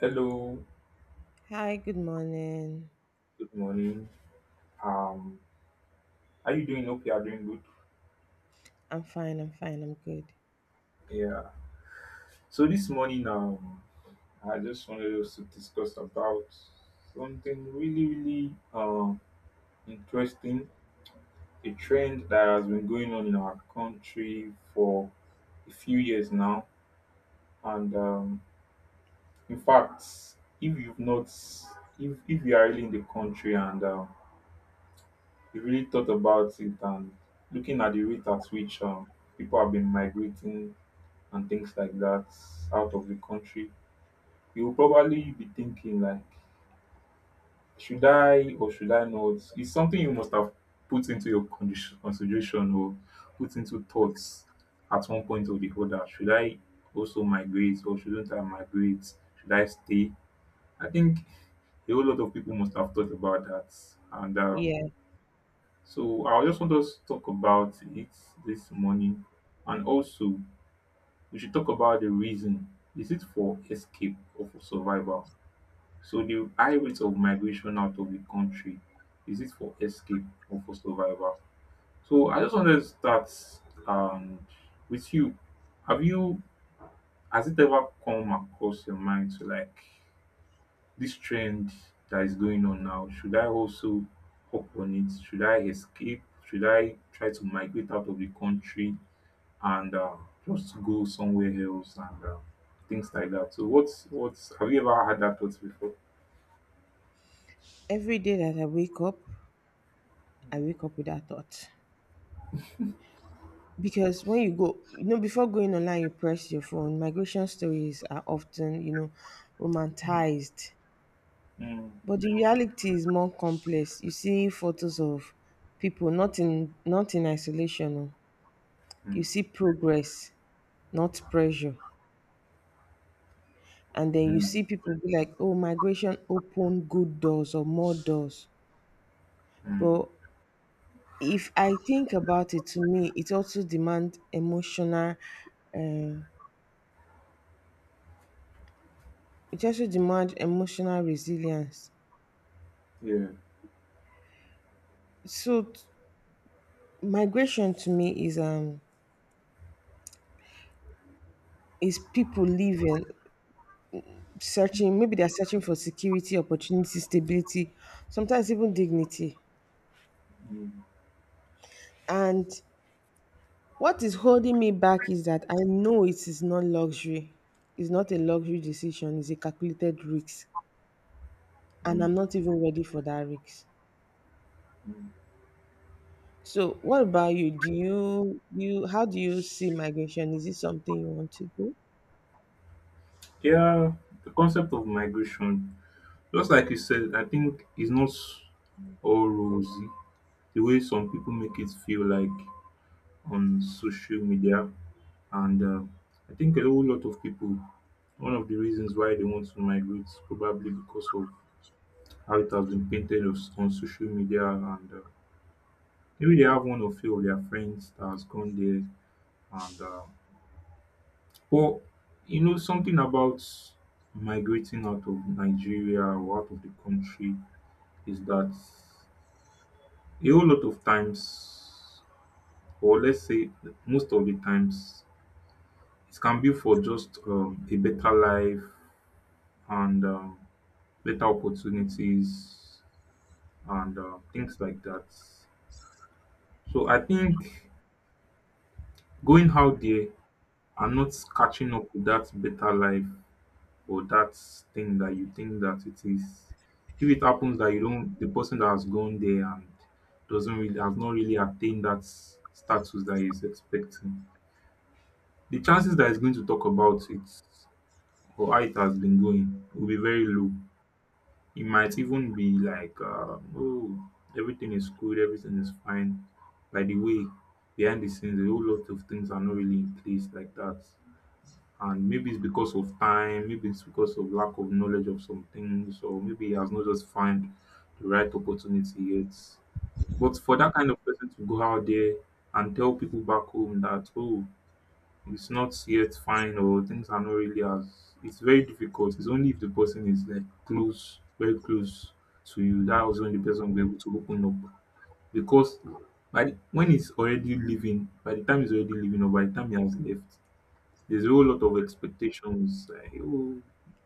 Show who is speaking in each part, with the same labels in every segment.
Speaker 1: Hello,
Speaker 2: Hi, good morning.
Speaker 1: good morning. Um, are you doing okay? Are you doing good?
Speaker 2: I'm fine, I'm good.
Speaker 1: Yeah. So this morning, I just wanted us to discuss about something really, really interesting, a trend that has been going on in our country for a few years now. And In fact, if you've not, if you are really in the country and you really thought about it and looking at the rate at which people have been migrating and things like that out of the country, you'll probably be thinking like, should I or should I not? It's something you must have put into your consideration or put into thoughts at one point or the other. Should I also migrate or shouldn't I migrate? Should I stay? I think a whole lot of people must have thought about that. And
Speaker 2: Yeah,
Speaker 1: So I just want us to talk about it this morning. And also, we should talk about the reason. Is it for escape or for survival? So the high rate of migration out of the country, is it for escape or for survival? So I just wanted to start um, with you. Have you Has it ever come across your mind to like this trend that is going on now? Should I also hop on it? Should I escape? Should I try to migrate out of the country? And just go somewhere else and things like that. So what's have you ever had that thought before?
Speaker 2: every day that I wake up with that thought. Because when you go, you know, before going online, you press your phone. Migration stories are often, you know,
Speaker 1: Mm.
Speaker 2: romanticized.
Speaker 1: Mm,
Speaker 2: But the reality is more complex. You see photos of people, not in isolation. Oh. You
Speaker 1: mm,
Speaker 2: see progress, not pressure. And then you
Speaker 1: mm,
Speaker 2: see people be like, oh, migration opened good doors or more doors.
Speaker 1: mm,
Speaker 2: But if I think about it, to me, Uh, it also demand emotional resilience.
Speaker 1: yeah,
Speaker 2: So t- Migration to me is is people leaving, searching. Maybe they're searching for security, opportunity, stability, sometimes even dignity.
Speaker 1: mm,
Speaker 2: And what is holding me back is that I know it is not luxury. It's not a luxury decision. It's a calculated risk, and
Speaker 1: mm,
Speaker 2: I'm not even ready for that risk.
Speaker 1: mm,
Speaker 2: So, what about you? Do you how do you see migration? Is it something you want to do?
Speaker 1: yeah. The concept of migration, just like you said, I think is not all rosy. The way some people make it feel like on social media, and I think a whole lot of people. One of the reasons why they want to migrate is probably because of how it has been painted on social media and maybe they have one or few of their friends that has gone there and but you know something about migrating out of Nigeria or out of the country is that a whole lot of times or let's say most of the times it can be for just a better life and better opportunities and things like that. So I think going out there are not catching up with that better life or that thing that you think that it is. If it happens that you don't, the person that has gone there and doesn't really has not really attained that status that he's expecting, the chances that he's going to talk about it or how it has been going will be very low. It might even be like, oh, everything is good, everything is fine. By the way, behind the scenes, a whole lot of things are not really in place like that, and maybe it's because of time, maybe it's because of lack of knowledge of some things, or maybe he has not just found the right opportunity yet. But for that kind of person to go out there and tell people back home that oh, it's not yet fine or things are not really as it's very difficult. It's only if the person is like close, very close to you, that was when the person will be able to open up. Because when he's already living, by the time he's already living, or by the time he has left, there's a whole lot of expectations. Like, oh,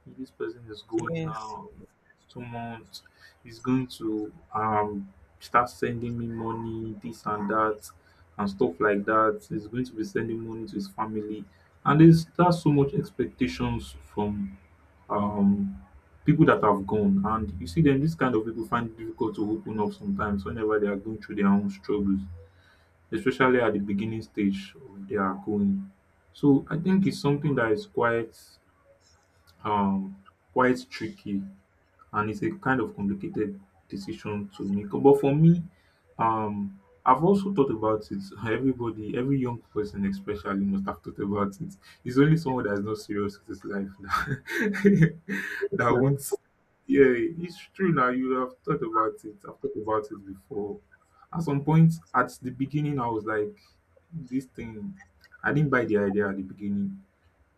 Speaker 1: this person is going
Speaker 2: Yes.
Speaker 1: now. In the next 2 months, he's going to start sending me money, this and that, and stuff like that. He's going to be sending money to his family, and there's that's so much expectations from um people that have gone. And you see them, this kind of people find it difficult to open up sometimes whenever they are going through their own struggles, especially at the beginning stage of their going. So I think it's something that is um quite tricky and it's a kind of complicated decision to make. But for me, I've also thought about it. Everybody, every young person especially must have thought about it. It's only someone that is not serious with his life that,
Speaker 2: Yes,
Speaker 1: that
Speaker 2: no.
Speaker 1: won't, yeah, it's true now. You have thought about it. I've thought about it before. At some point, at the beginning, I was like, this thing, I didn't buy the idea at the beginning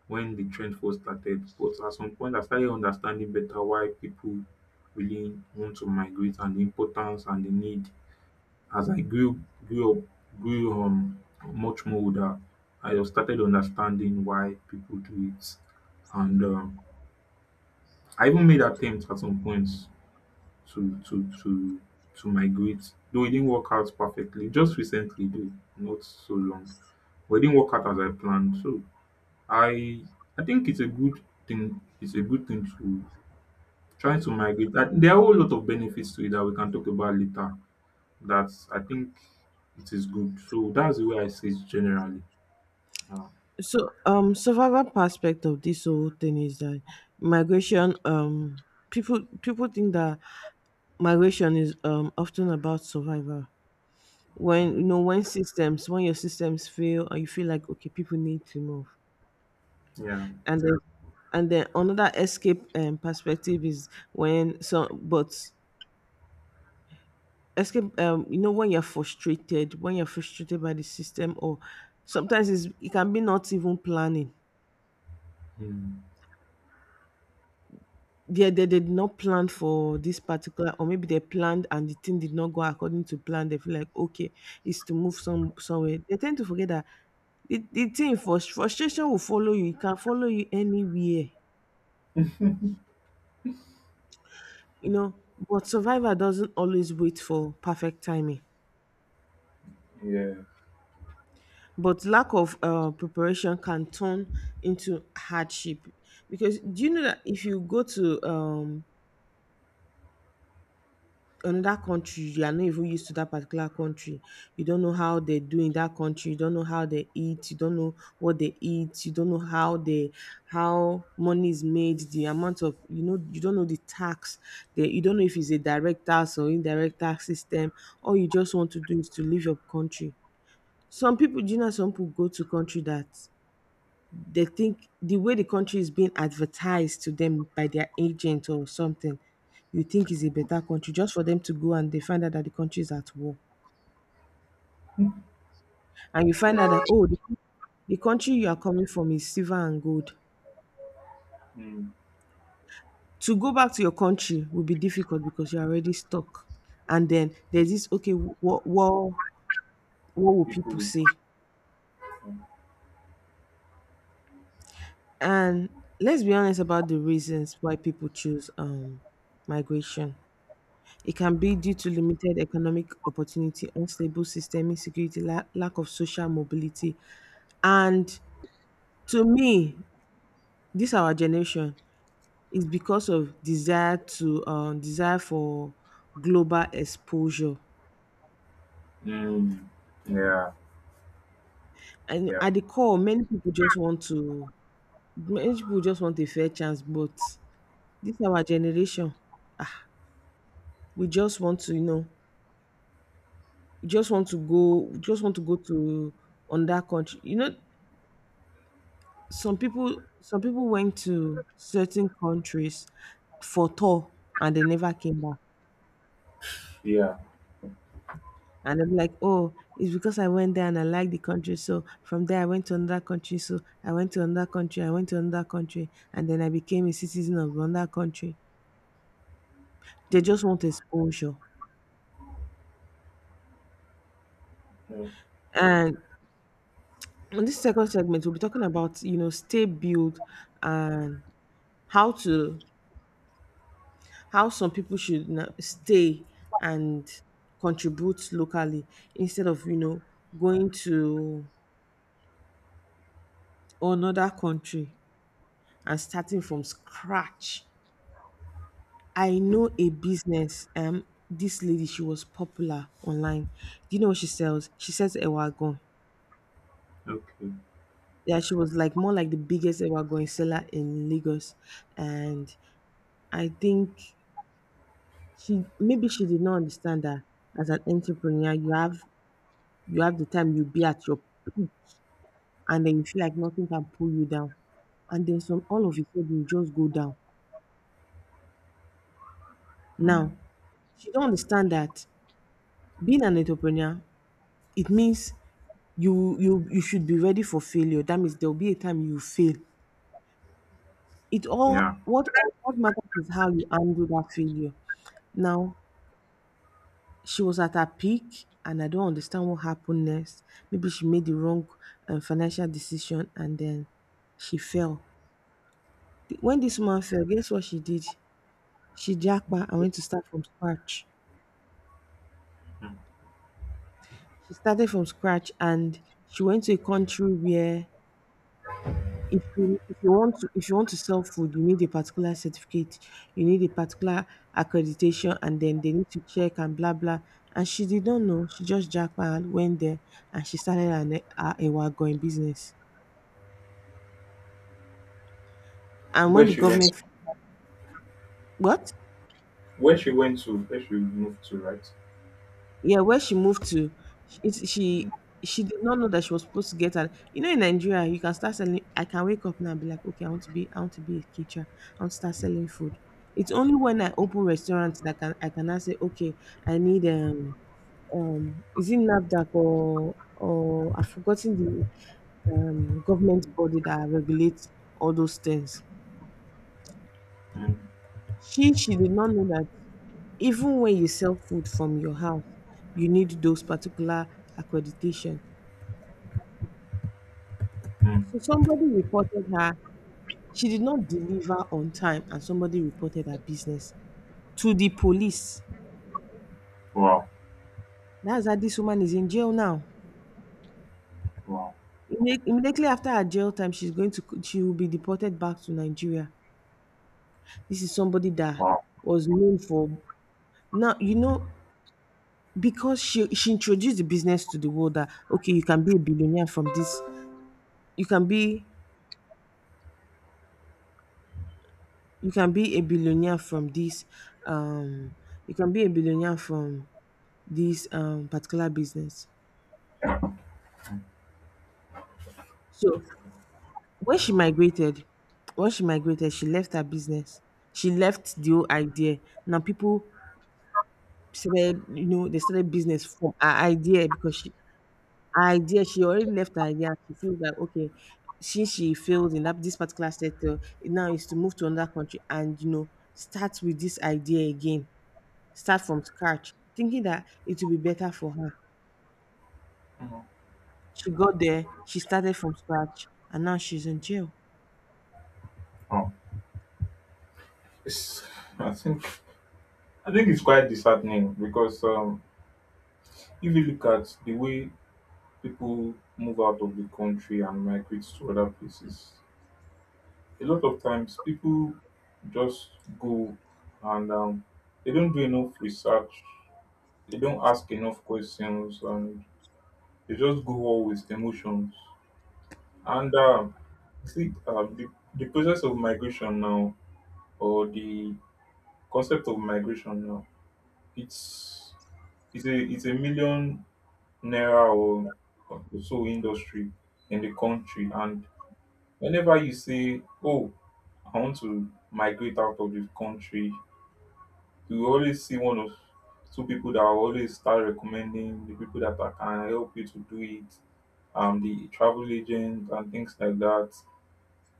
Speaker 1: when the trend first started. But at some point, I started understanding better why people really want to migrate and the importance and the need. As I grew, grew up, grew much more older, I just started understanding why people do it. And I even made attempts at some points to to to to migrate, though it didn't work out perfectly. Just recently, though, not so long. But it didn't work out as I planned. So I I think it's a good thing. It's a good thing to try to migrate. I- There are a whole lot of benefits to it that we can talk about later. That's I think it is good. So that's the way I see it generally. Yeah.
Speaker 2: So, survival aspect of this whole thing is that migration. People think that migration is often about survival. When you
Speaker 1: Mm.
Speaker 2: know when your systems fail and you feel like okay people need to move
Speaker 1: Yeah.
Speaker 2: and then and then another escape perspective is when some but escape you know when you're frustrated by the system or sometimes it can be not even planning
Speaker 1: Mm.
Speaker 2: they did not plan for this particular or maybe they planned and the thing did not go according to plan. They feel like okay it's to move somewhere. They tend to forget that the frustration will follow you. It can follow you anywhere, you know. But survivor doesn't always wait for perfect timing.
Speaker 1: Yeah.
Speaker 2: But lack of, preparation can turn into hardship, because do you know that if you go to, another country, you are not even used to that particular country, you don't know how they do in that country, you don't know how they eat, you don't know what they eat, you don't know how money is made, the amount of you know, you don't know the tax, the you don't know if it's a direct tax or indirect tax system. All you just want to do is to leave your country. Some people, do you know, some people go to country that they think the way the country is being advertised to them by their agent or something, you think is a better country, just for them to go and they find out that the country is at war, and you find out that
Speaker 1: Yeah.
Speaker 2: oh, the country you are coming from is silver and gold.
Speaker 1: Mm.
Speaker 2: To go back to your country will be difficult because you're already stuck. And then there's this, okay, what will people
Speaker 1: People's.
Speaker 2: say? And let's be honest about the reasons why people choose migration. It can be due to limited economic opportunity, unstable system, insecurity, lack of social mobility. And to me, this our generation is because of desire for global exposure.
Speaker 1: Mm. Yeah.
Speaker 2: And
Speaker 1: Yeah.
Speaker 2: at the core, many people just want a fair chance, but this our generation, ah, we just want to, you know, we just want to go to on that country, you know. Some people some people went to certain countries for tour and they never came back.
Speaker 1: Yeah.
Speaker 2: And they're like, oh, it's because I went there and I liked the country, so from there I went to another country, I went to another country, and then I became a citizen of another country. They just want exposure.
Speaker 1: Yeah.
Speaker 2: And in this second segment we'll be talking about, you know, stay built, and how to how some people should stay and contribute locally instead of, you know, going to another country and starting from scratch. I know a business, um, this lady, she was popular online. Do you know what she sells? She sells ewagon.
Speaker 1: Okay.
Speaker 2: Yeah, she was like more like the biggest ewagon seller in Lagos. And I think she did not understand that as an entrepreneur you have the time you be at your peak and then you feel like nothing can pull you down. And then some all of a sudden you just go down.
Speaker 1: Mm,
Speaker 2: Now, she don't understand that being an entrepreneur, it means you should be ready for failure. That means there'll be a time you fail. It
Speaker 1: yeah.
Speaker 2: all What matters is how you handle that failure. Now, she was at her peak and I don't understand what happened next. Maybe she made the wrong financial decision and then she fell. When this woman fell, guess what she did? She Shijakpa, I went to start from scratch. She started from scratch and she went to a country where if you want to sell food, you need a particular certificate, you need a particular accreditation, and then they need to check and blah blah. And she did not know. She just jackpot went there and she started an a ewa going business. And
Speaker 1: Where
Speaker 2: when the
Speaker 1: she went
Speaker 2: government what?
Speaker 1: where she went to, where she moved to, right?
Speaker 2: Yeah, where she moved to, sh it's
Speaker 1: Mm,
Speaker 2: she did not know that she was supposed to get an, you know, in Nigeria, you can start selling, I can wake up now and be like, "Okay, I want to be a teacher. I want to start selling food." It's only when I open restaurants that can I can now say, "Okay, I need is it NAFDAC or I've forgotten the government body that regulates all those things."
Speaker 1: mm,
Speaker 2: She did not know that even when you sell food from your house, you need those particular accreditation.
Speaker 1: mm.
Speaker 2: So somebody reported her. She did not deliver on time, and somebody reported her business to the police.
Speaker 1: Wow.
Speaker 2: That's how this woman is in jail now.
Speaker 1: Wow.
Speaker 2: Immediately after her jail time, she's going to she will be deported back to Nigeria. This is somebody that
Speaker 1: Wow.
Speaker 2: was known for now. You know, because she introduced the business to the world that okay, you can be a billionaire from this. You can be you can be a billionaire from this. Um, you can be a billionaire from this particular business. So when she migrated when she migrated, she left her business. She left the whole idea. Now people started, you know, they started business from her idea because she already left her idea. She feels like okay, since she failed in that this particular sector, now is to move to another country and, you know, start with this idea again. Start from scratch, thinking that it will be better for her.
Speaker 1: Mhm.
Speaker 2: She got there, she started from scratch, and now she's in jail.
Speaker 1: Wow. It's, I think I think it's quite disheartening because if you look at the way people move out of the country and migrate to other places, a lot of times people just go and they don't do enough research, they don't ask enough questions, and they just go all with emotions. And See, the process of migration now, or the concept of migration now, it's it's a million naira or so industry in the country, and whenever you say, "Oh, I want to migrate out of the country," you always see one of two people that will always start recommending the people that are- can help you to do it, the travel agent and things like that.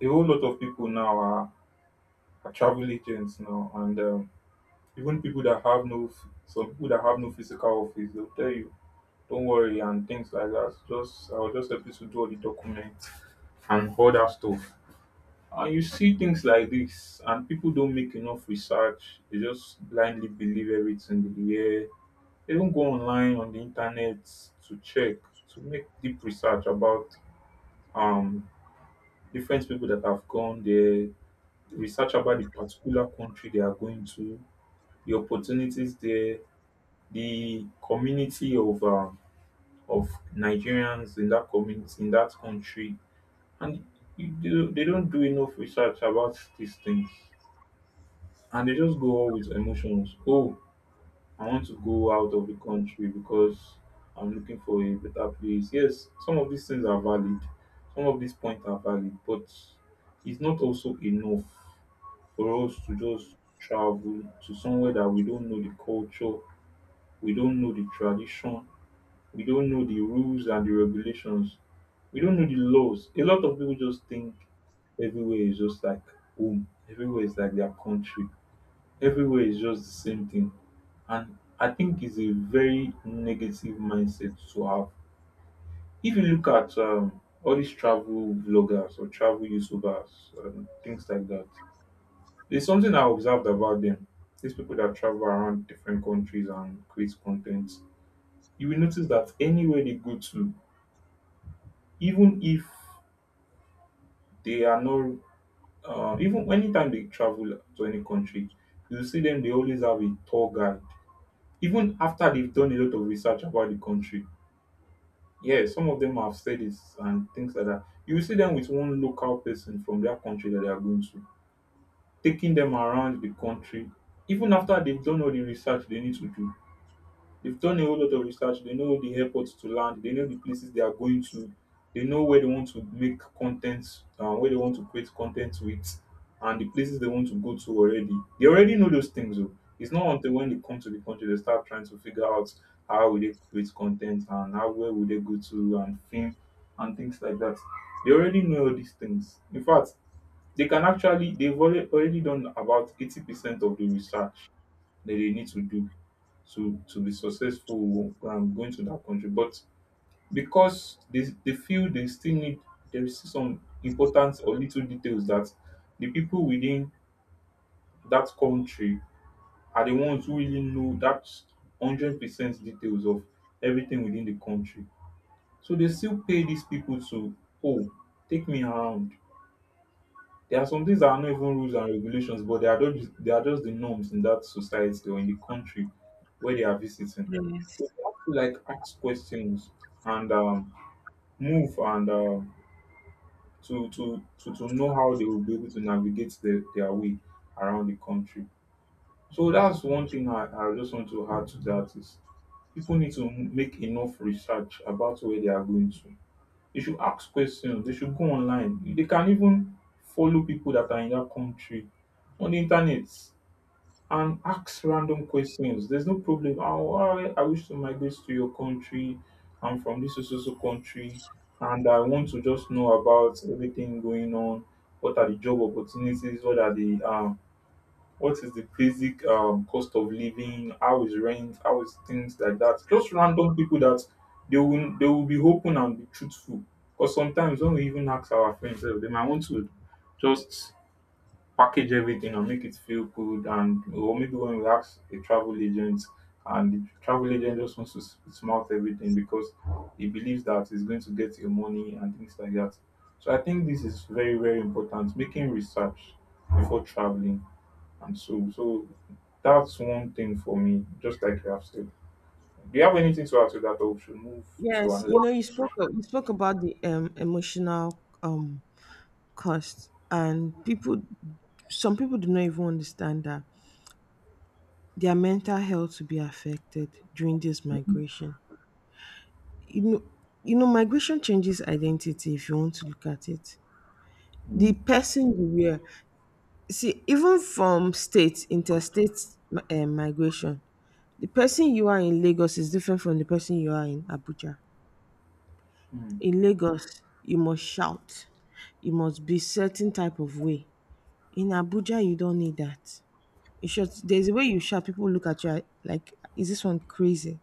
Speaker 1: A whole lot of people now are travel agents now and even people that have no some people that have no physical office they'll tell you don't worry and things like that. So just I'll just help you to do all the documents and all that stuff, and you see things like this and people don't make enough research, they just blindly believe everything they hear. They don't go online on the internet to check, to make deep research about um different people that have gone there, research about the particular country they are going to, the opportunities there, the community of Nigerians in that community in that country, and they don't do enough research about these things, and they just go all with emotions. Oh, I want to go out of the country because I'm looking for a better place. Yes, some of these things are valid, some of these points are valid, but it's not also enough for us to just travel to somewhere that we don't know the culture. We don't know the tradition. We don't know the rules and the regulations. We don't know the laws. A lot of people just think everywhere is just like home. Everywhere is like their country. Everywhere is just the same thing. And I think it's a very negative mindset to have. If you look at all these travel vloggers or travel YouTubers and things like that, there's something I observed about them. These people that travel around different countries and create content, you will notice that anywhere they go to, even if they are not, even anytime they travel to any country, you see them, they always have a tour guide. Even after they've done a lot of research about the country, yeah, some of them have studies and things like that. You will see them with one local person from their country that they are going to, taking them around the country. Even after they've done all the research they need to do, they've done a whole lot of research. They know the airports to land. They know the places they are going to. They know where they want to make content, where they want to create content with, and the places they want to go to already. They already know those things. Though. It's not until when they come to the country they start trying to figure out how will they create content and how where will they go to and film and things like that. They already know all these things. In fact, they can actually they've alre- already done about 80% of the research that they need to do to be successful, going to that country. But because they feel they still need, there is still some important or little details that the people within that country are the ones who really know that 100% details of everything within the country. So they still pay these people to, oh, take me around. There are some things that are not even rules and regulations, but they are just the norms in that society or in the country where they are visiting. So
Speaker 2: Yes.
Speaker 1: you have to like ask questions and move and to know how they will be able to navigate their way around the country. So that's one thing I just want to add to that is people need to make enough research about where they are going to. They should ask questions. They should go online. They can even follow people that are in that country on the internet and ask random questions. There's no problem. Oh, I wish to migrate to your country. I'm from this so so so country, and I want to just know about everything going on. What are the job opportunities? What is the basic, cost of living? How is rent? How is things like that? Just random people that they will be open and be truthful. Because sometimes when we even ask our friends, they might want to just package everything and make it feel good. And or maybe when we ask a travel agent, and the travel agent just wants to smart everything because he believes that he's going to get your money and things like that. So I think this is very very important. Making research before traveling, and so that's one thing for me, just like you have said. Do you have anything to add to that, or we should move to
Speaker 2: Yes,
Speaker 1: another?
Speaker 2: you know, you spoke about the emotional cost, and people, some people do not even understand that their mental health will be affected during this
Speaker 1: Mm.
Speaker 2: migration. You know, you know, migration changes identity if you want to look at it. The
Speaker 1: Mm.
Speaker 2: person you were, see, even from state interstate migration, the person you are in Lagos is different from the person you are in Abuja.
Speaker 1: Mm.
Speaker 2: In Lagos, you must shout. You must be certain type of way. In Abuja, you don't need that. You shout. There's a way you shout. People look at you like, is this one crazy?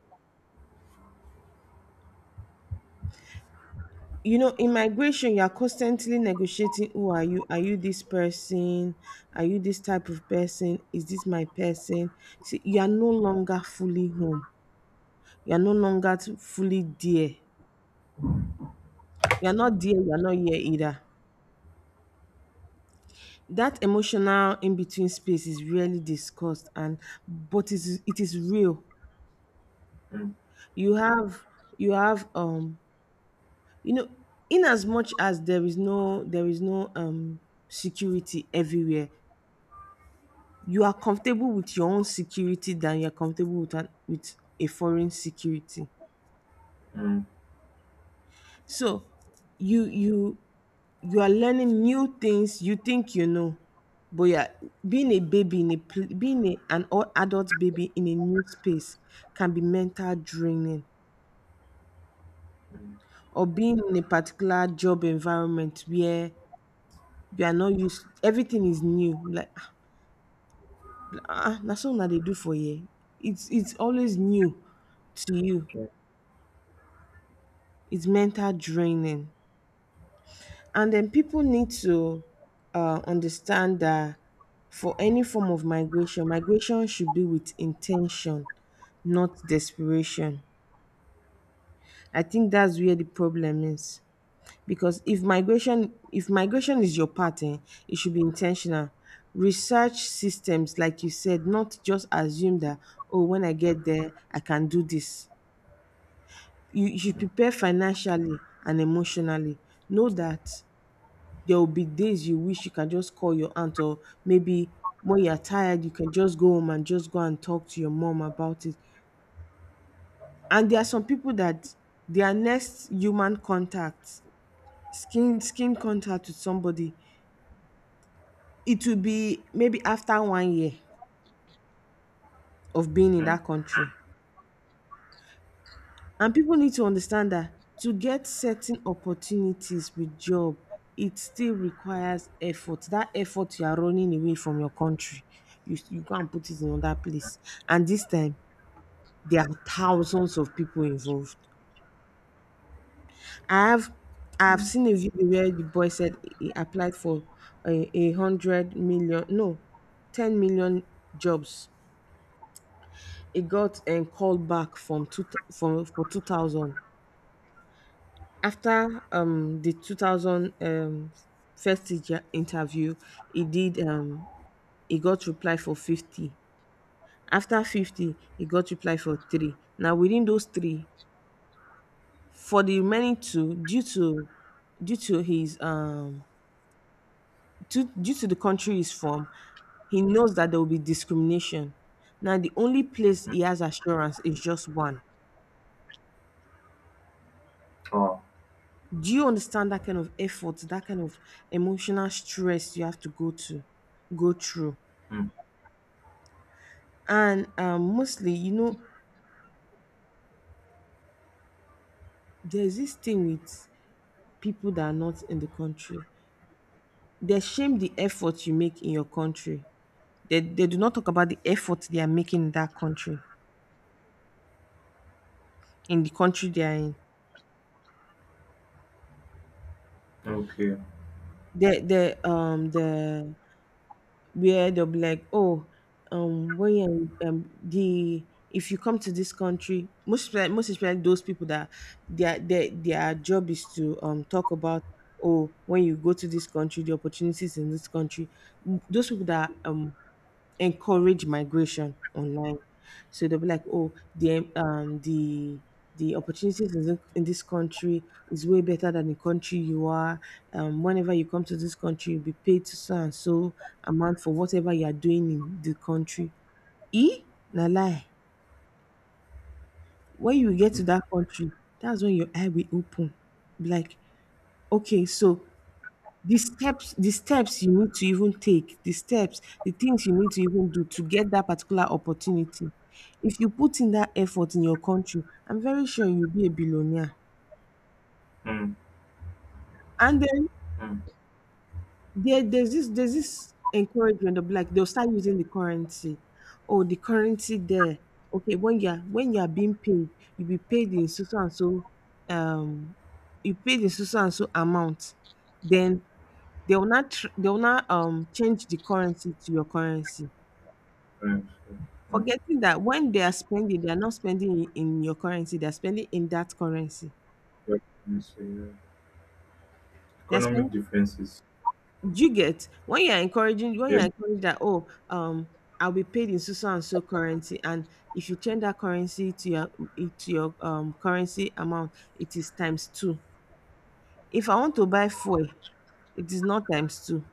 Speaker 2: You know, in migration, you are constantly negotiating. Who are you? Are you this person? Are you this type of person? Is this my person? See, you are no longer fully home. You are no longer fully there. You are not there. You are not here either. That emotional in between space is rarely discussed and but it is real.
Speaker 1: Mm.
Speaker 2: You have you have um you know, in as much as there is no security everywhere, you are comfortable with your own security than you are comfortable with with a foreign security.
Speaker 1: Mm. Mm.
Speaker 2: So you you you are learning new things you think you know, but yeah, being a, adult baby in a new space can be mental draining, or being in a particular job environment where you are not used, everything is new, like ah, that's all that they do for you. It's always new to you.
Speaker 1: Mm.
Speaker 2: It's mental draining. And then people need to, understand that for any form of migration, migration should be with intention, not desperation. I think that's where the problem is. Because if migration is your pattern, it should be intentional. Research systems, like you said, not just assume that, oh, when I get there, I can do this. You should prepare financially and emotionally. Know that there will be days you wish you can just call your aunt, or maybe when you're tired you can just go home and just go and talk to your mom about it. And there are some people that their next human contact, skin contact with somebody, it will be maybe after 1 year of being
Speaker 1: Mm.
Speaker 2: in
Speaker 1: Mm.
Speaker 2: that country. And people need to understand that to get certain opportunities with job, it still requires effort. That effort you are running away from your country, you go and put it in another place. And this time, there are thousands of people involved. I have I've
Speaker 1: Mm.
Speaker 2: seen a video where the boy said he applied for a hundred million, no, 10 million jobs. He got and called back from two from for 2,000. After the 2000 first teacher interview he did, he got reply for 50. After 50, he got reply for three. Now within those three, for the remaining two, due to his due to the country he's from, he knows that there will be discrimination. Now the only place he has assurance is just one.
Speaker 1: Ah.
Speaker 2: Do you understand that kind of effort, that kind of emotional stress you have to go through?
Speaker 1: Mm.
Speaker 2: And, mostly, there's this thing with people that are not in the country. They shame the effort you make in your country. They do not talk about the effort they are making in that country, in the country they are in.
Speaker 1: Okay.
Speaker 2: The the where they'll be like, oh, when you the if you come to this country, most like most especially those people that their job is to talk about, oh, when you go to this country, the opportunities in this country, those people that encourage migration online. So they'll be like, oh, the the opportunities in this country is way better than the country you are. Whenever you come to this country, you'll be paid to so and so amount for whatever you are doing in the country. E na lie. When you get to
Speaker 1: Mm.
Speaker 2: that country, that's when your eye will open. Be like, okay, so the steps you need to even take, the things you need to even do to get that particular opportunity, if you put in that effort in your country, I'm very sure you'll be a billionaire.
Speaker 1: Mm.
Speaker 2: And then
Speaker 1: Mm.
Speaker 2: there's this encouragement of, like, they'll start using the currency. Oh, the currency there. Okay, when you're being paid, you'll be paid in so so and so, um you pay the so so and so amount, then they will not change the currency to your currency.
Speaker 1: Mm. Mm.
Speaker 2: Forgetting that when they are spending, they are not spending in your currency, they are spending in that currency.
Speaker 1: Yeah, you say, yeah.
Speaker 2: They're
Speaker 1: Economic
Speaker 2: spending,
Speaker 1: differences.
Speaker 2: you get, when you're
Speaker 1: Yes,
Speaker 2: encouraging that, oh, I'll be paid in so so and so currency, and if you change that currency to your, to your currency amount, it is times two. If I want to buy fuel, it is not times two.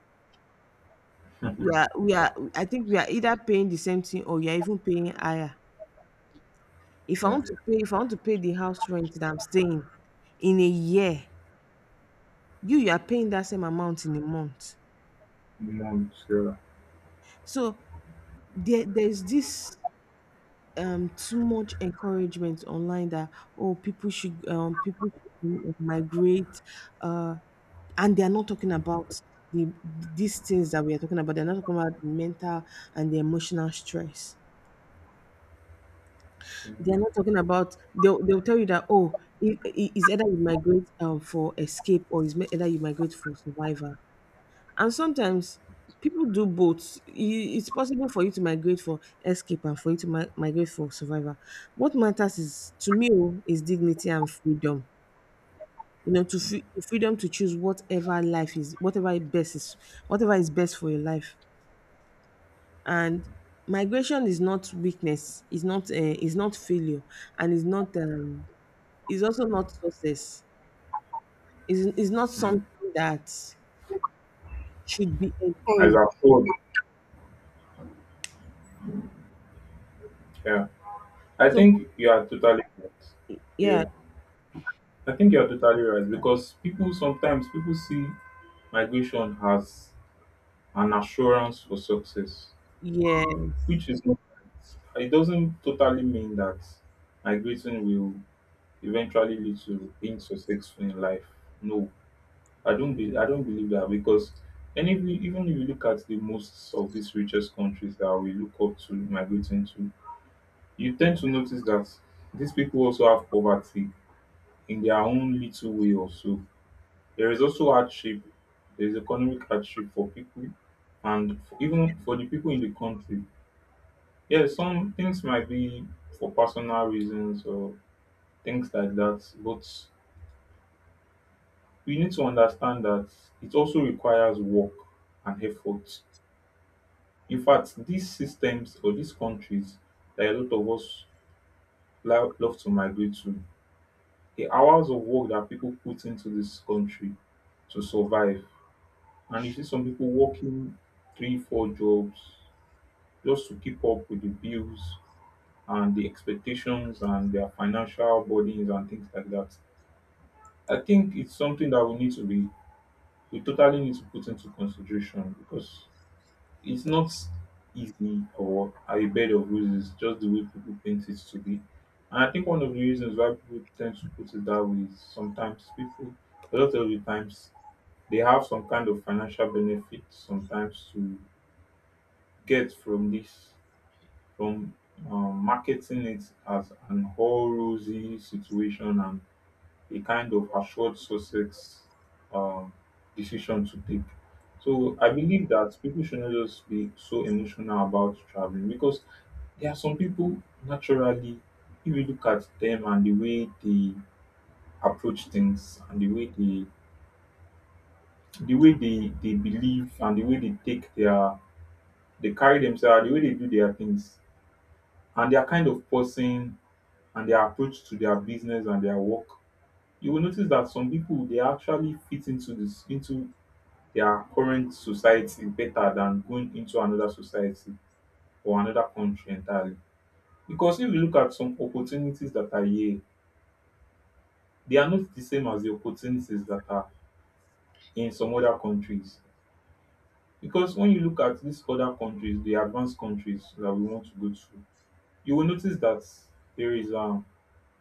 Speaker 2: We are I think we are either paying the same thing, or you're even paying higher. If I
Speaker 1: yeah.
Speaker 2: want to pay If I want to pay the house rent that I'm staying in a year, you are paying that same amount in a month.
Speaker 1: Months, yeah.
Speaker 2: So there there's this too much encouragement online that, oh, people should migrate, uh and they are not talking about these things that we are talking about. They're not talking about the mental and the emotional stress.
Speaker 1: Mm.
Speaker 2: They're not talking about, they'll tell you that, oh, it's either you migrate, for escape, or it's either you migrate for survival. And sometimes people do both. It's possible for you to migrate for escape and for you to migrate for survival. What matters is, to me, oh, is dignity and freedom. You know, to
Speaker 1: Mm.
Speaker 2: freedom to choose whatever life is, whatever is best for your life. And migration is not weakness. It's not. It's not failure, and it's not. It's also not success. It's not
Speaker 1: Mm.
Speaker 2: something that should be
Speaker 1: As
Speaker 2: encouraged.
Speaker 1: a whole, yeah. I
Speaker 2: So,
Speaker 1: think you are totally right. Yeah.
Speaker 2: yeah,
Speaker 1: I think you're totally right because people sometimes people see migration has an assurance for success,
Speaker 2: yes.
Speaker 1: which is not right. It doesn't totally mean that migrating will eventually lead to being successful in life. No, I don't believe that because any even if you look at the most of these richest countries that we look up to migrating to, you tend to notice that these people also have poverty in their own little way also. There is also hardship. There is economic hardship for people and even for the people in the country. Yes, some things might be for personal reasons or things like that, but we need to understand that it also requires work and effort. In fact, these systems or these countries that a lot of us love to migrate to, the hours of work that people put into this country to survive. And you see some people working three, four jobs just to keep up with the bills and the expectations and their financial burdens and things like that. I think it's something that we totally need to put into consideration because it's not easy or a bed of roses, just the way people paint it to be. And I think one of the reasons why people tend to put it that way is sometimes people, a lot of the times, they have some kind of financial benefit sometimes to get from marketing it as an all rosy situation and a kind of assured success, um, decision to take. So I believe that people should not just be so emotional about traveling because there are some people naturally, if you look at them and the way they approach things and the way they believe and the way they take their they carry themselves, the way they do their things, and they are kind of person and their approach to their business and their work, you will notice that some people they actually fit into their current society better than going into another society or another country entirely. Because if you look at some opportunities that are here, they are not the same as the opportunities that are in some other countries. Because when you look at these other countries, the advanced countries that we want to go to, you will notice that there is a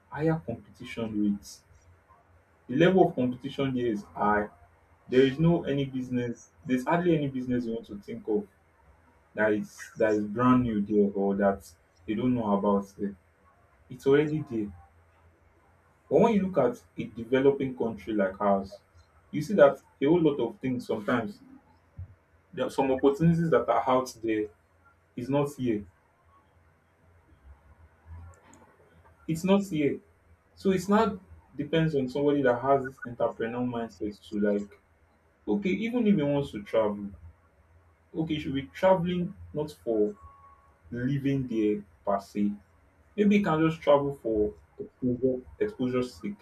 Speaker 1: higher competition rates. The level of competition here is high. There is no any business. There's hardly any business you want to think of that is brand new there or that they don't know about there. It's already there. But when you look at a developing country like ours, you see that a whole lot of things sometimes there are some opportunities that are out there is not here. It's not here. So it's not depends on somebody that has this entrepreneurial mindset to like, okay, even if he wants to travel, okay, he should be traveling not for living there per se. Maybe he can just travel for exposure, exposure sake.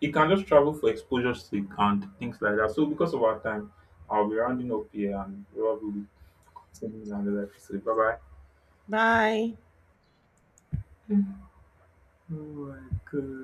Speaker 1: He can just travel for exposure sick and things like that. So because of our time, I'll be rounding up here and probably will continue another episode. Bye bye.
Speaker 2: Bye.
Speaker 1: Oh my god.